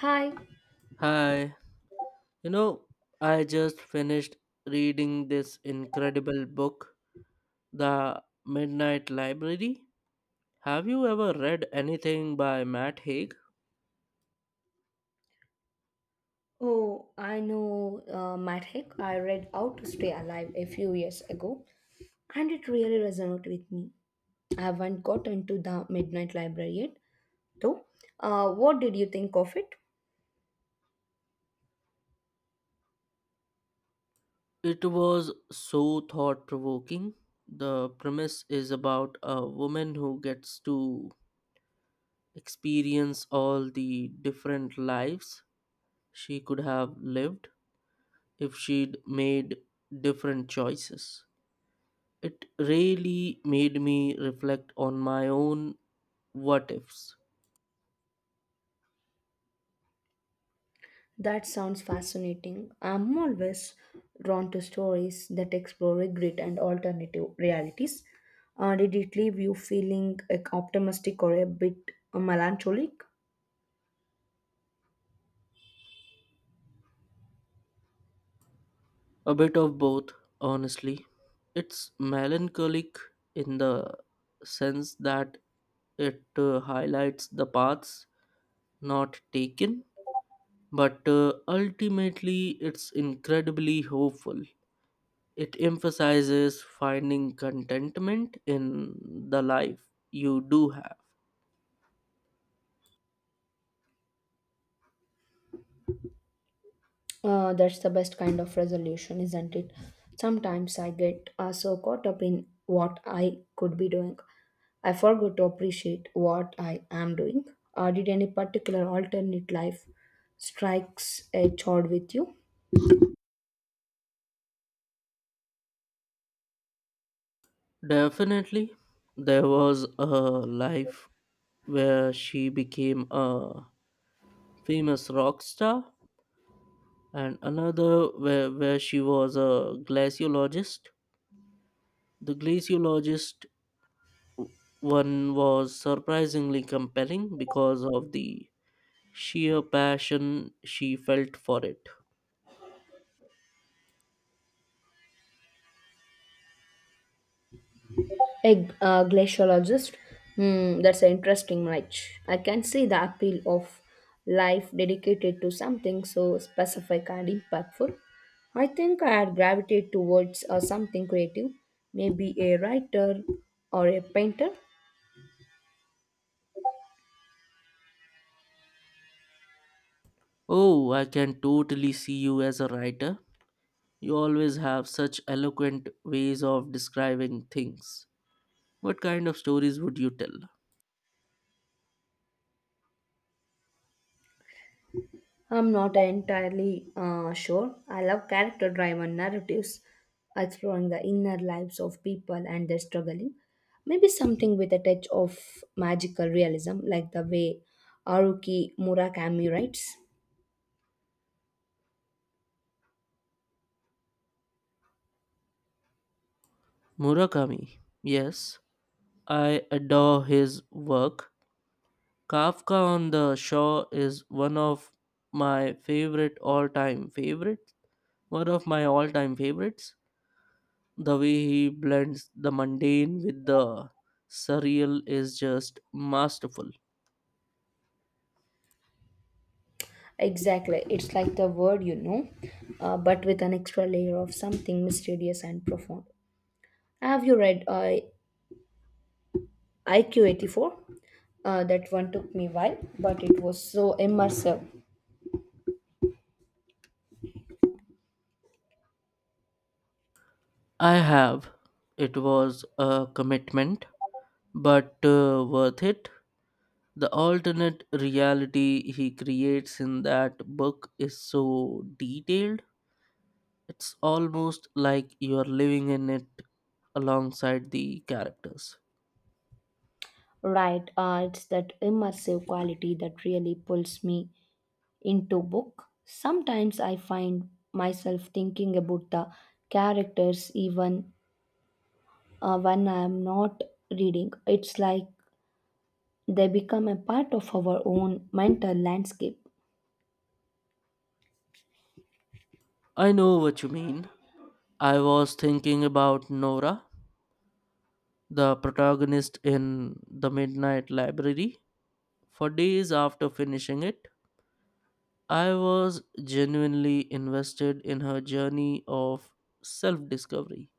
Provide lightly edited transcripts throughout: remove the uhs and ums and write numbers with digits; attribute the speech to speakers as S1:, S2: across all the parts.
S1: Hi.
S2: Hi, you know, I just finished reading this incredible book, The Midnight Library. Have you ever read anything by Matt Haig?
S1: Oh, I know Matt Hick. I read How to Stay Alive a few years ago, and it really resonated with me. I haven't gotten to the Midnight Library yet, though. What did you think of it?
S2: It was so thought provoking. The premise is about a woman who gets to experience all the different lives she could have lived if she'd made different choices. It really made me reflect on my own what ifs?
S1: That sounds fascinating. I'm always drawn to stories that explore regret and alternative realities. Did it leave you feeling like, optimistic or a bit melancholic?
S2: A bit of both, honestly. It's melancholic in the sense that it highlights the paths not taken, but ultimately it's incredibly hopeful. It emphasizes finding contentment in the life you do have.
S1: That's the best kind of resolution, isn't it? Sometimes I get so caught up in what I could be doing. I forgot to appreciate what I am doing. Did any particular alternate life strikes a chord with you?
S2: Definitely, there was a life where she became a famous rock star and another where she was a glaciologist. The glaciologist w- one was surprisingly compelling because of the sheer passion she felt for it.
S1: A glaciologist. Hmm, that's an interesting match. I can see the appeal of life dedicated to something so specific and impactful. I think I'd gravitate towards something creative, maybe a writer or a painter.
S2: Oh, I can totally see you as a writer. You always have such eloquent ways of describing things. What kind of stories would you tell?
S1: I'm not entirely sure. I love character driven narratives, exploring the inner lives of people and their struggling. Maybe something with a touch of magical realism, like the way Haruki Murakami writes.
S2: Murakami. Yes, I adore his work. Kafka on the Shore is one of my favorite all-time favorites. One of my all-time favorites. The way he blends the mundane with the surreal is just masterful.
S1: Exactly, it's like the word but with an extra layer of something mysterious and profound. Have you read IQ84? That one took me a while, but it was so immersive.
S2: I have. It was a commitment, but worth it. The alternate reality he creates in that book is so detailed. It's almost like you're living in it alongside the characters.
S1: Right, it's that immersive quality that really pulls me into book. Sometimes I find myself thinking about the characters even when I am not reading. It's like they become a part of our own mental landscape.
S2: I know what you mean. I was thinking about Nora, the protagonist in The Midnight Library. For days after finishing it, I was genuinely invested in her journey of self discovery.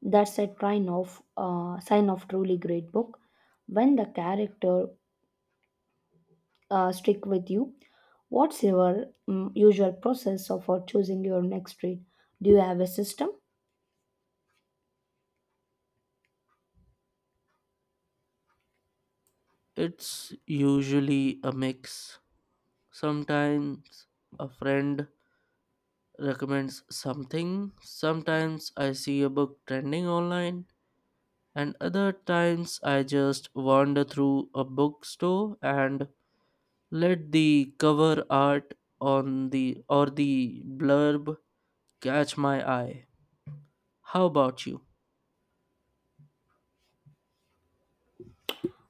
S1: That's a sign of truly great book when the character stick with you. What's your usual process of for choosing your next read? Do you have a system?
S2: It's usually a mix. Sometimes a friend recommends something. Sometimes I see a book trending online, and other times I just wander through a bookstore and let the cover art on the or the blurb catch my eye. How about you?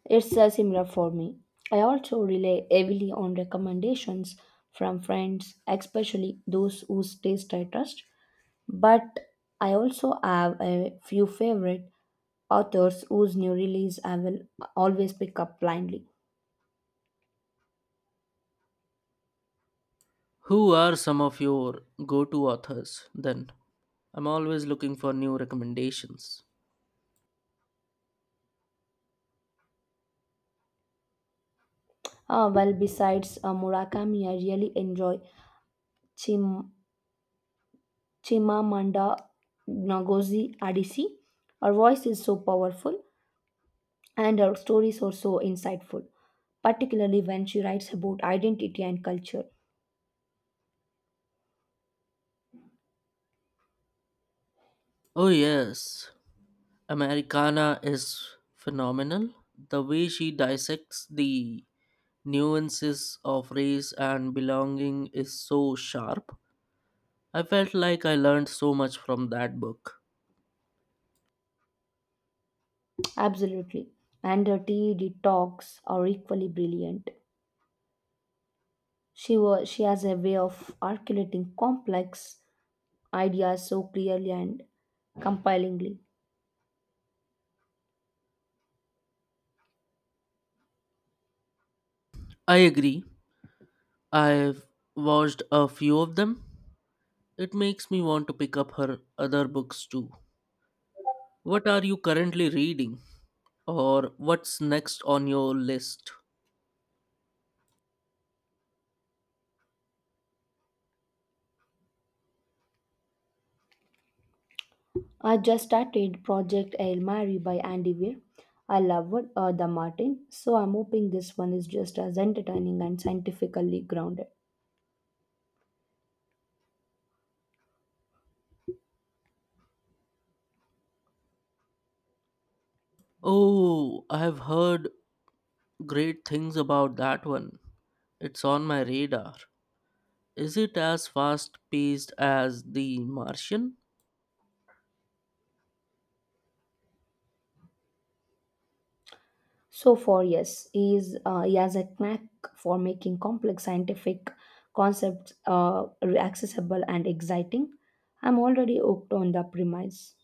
S1: It's a similar for me. I also rely heavily on recommendations from friends, especially those whose taste I trust. But I also have a few favorite authors whose new release I will always pick up blindly.
S2: Who are some of your go-to authors then? I'm always looking for new recommendations.
S1: Ah, well, besides Murakami, I really enjoy Chim- Chimamanda Ngozi Adichie. Her voice is so powerful and her stories are so insightful, particularly when she writes about identity and culture.
S2: Oh, yes. Americana is phenomenal. The way she dissects the nuances of race and belonging is so sharp. I felt like I learned so much from that book.
S1: Absolutely. And her TED talks are equally brilliant. She has a way of articulating complex ideas so clearly and compellingly.
S2: I agree. I've watched a few of them. It makes me want to pick up her other books too. What are you currently reading? Or what's next on your list?
S1: I just started Project Hail Mary by Andy Weir. I loved the Martin, so I'm hoping this one is just as entertaining and scientifically grounded.
S2: Oh, I've heard great things about that one. It's on my radar. Is it as fast paced as The Martian?
S1: So far, yes, he has a knack for making complex scientific concepts accessible and exciting. I'm already hooked on the premise.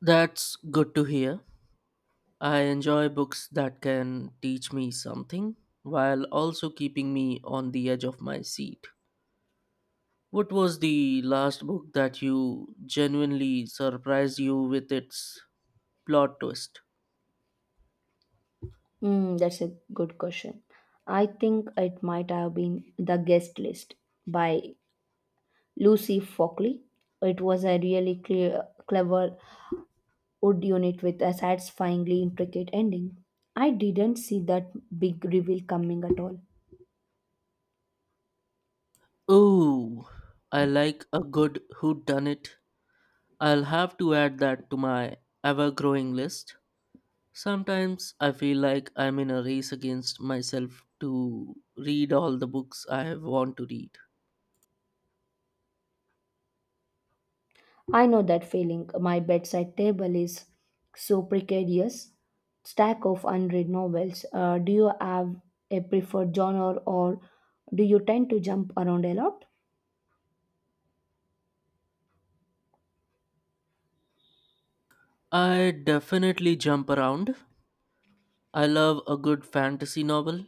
S2: That's good to hear. I enjoy books that can teach me something while also keeping me on the edge of my seat. What was the last book that you genuinely surprised you with its plot twist?
S1: That's a good question. I think it might have been The Guest List by Lucy Fockley. It was a really clever wood unit with a satisfyingly intricate ending. I didn't see that big reveal coming at all.
S2: Ooh, I like a good whodunit. I'll have to add that to my ever growing list. Sometimes I feel like I'm in a race against myself to read all the books I want to read.
S1: I know that feeling. My bedside table is so precarious. Stack of unread novels. Do you have a preferred genre or do you tend to jump around a lot?
S2: I definitely jump around, I love a good fantasy novel,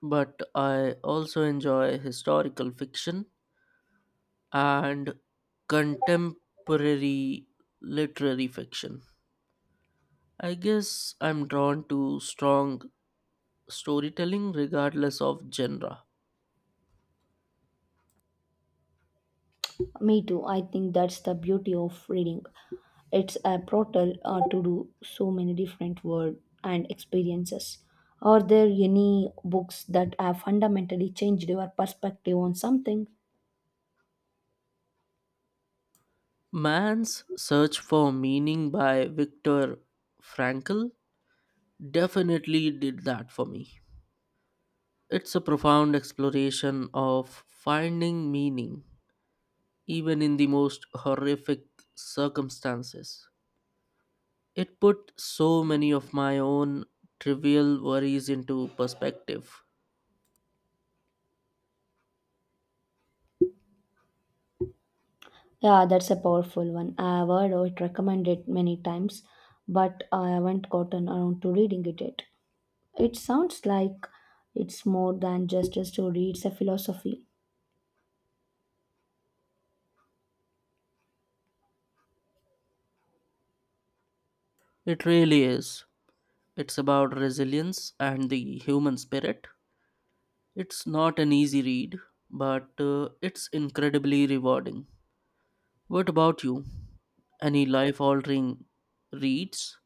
S2: but I also enjoy historical fiction and contemporary literary fiction. I guess I'm drawn to strong storytelling regardless of genre.
S1: Me too. I think that's the beauty of reading. It's a portal to do so many different world and experiences. Are there any books that have fundamentally changed your perspective on something?
S2: Man's Search for Meaning by Viktor Frankl definitely did that for me. It's a profound exploration of finding meaning even in the most horrific circumstances. It put so many of my own trivial worries into perspective.
S1: Yeah, that's a powerful one. I have heard it recommended many times, but I haven't gotten around to reading it yet. It sounds like it's more than just a story, it's a philosophy.
S2: It really is. It's about resilience and the human spirit. It's not an easy read, but it's incredibly rewarding. What about you? Any life altering reads?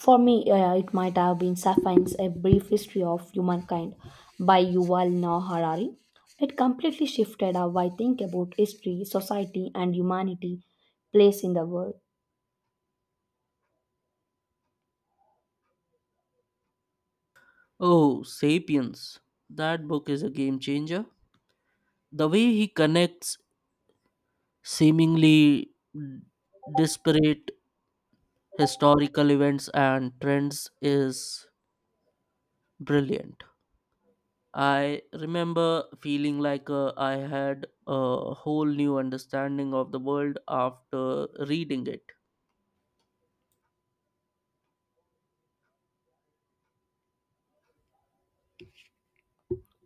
S1: For me, it might have been Sapiens, A Brief History of Humankind by Yuval Noah Harari. It completely shifted how I think about history, society, and humanity place in the world.
S2: Oh, Sapiens. That book is a game changer. The way he connects seemingly disparate historical events and trends is brilliant. I remember feeling like I had a whole new understanding of the world after reading it.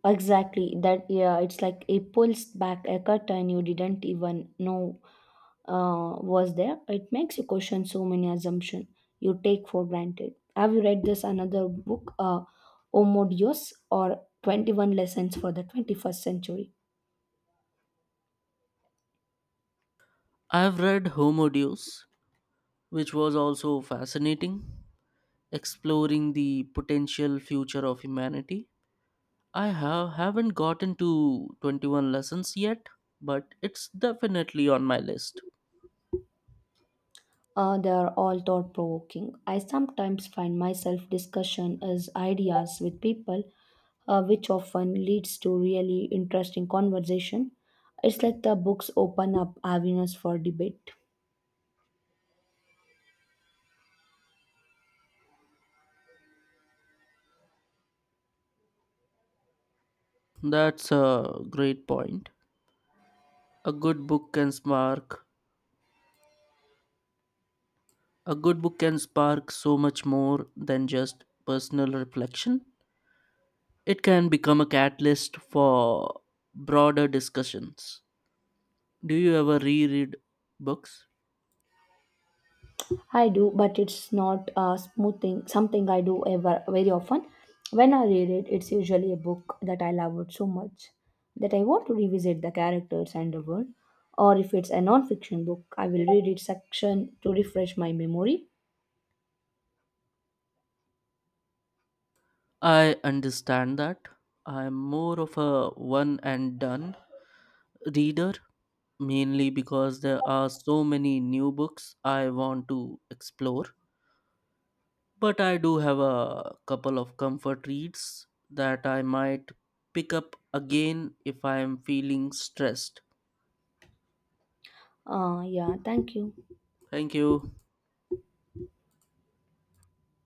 S1: Exactly. That Yeah, it's like it pulls back a curtain you didn't even know was there. It makes you question so many assumptions you take for granted. Have you read this another book, Homo Deus or 21 Lessons for the 21st Century?
S2: I've read Homo Deus, which was also fascinating, exploring the potential future of humanity. I have, haven't gotten to 21 lessons yet, but it's definitely on my list.
S1: They are all thought provoking. I sometimes find myself discussion as ideas with people, which often leads to really interesting conversation. It's like the books open up avenues for debate.
S2: That's a great point. A good book can spark a good book can spark so much more than just personal reflection. It can become a catalyst for broader discussions. Do you ever reread books?
S1: I do, but it's not a smooth thing, something I do ever very often. When I read it, it's usually a book that I loved so much that I want to revisit the characters and the world. Or if it's a non-fiction book, I will read it section to refresh my memory.
S2: I understand that. I'm more of a one and done reader, mainly because there are so many new books I want to explore. But I do have a couple of comfort reads that I might pick up again if I am feeling stressed.
S1: Yeah, thank you.
S2: Thank you.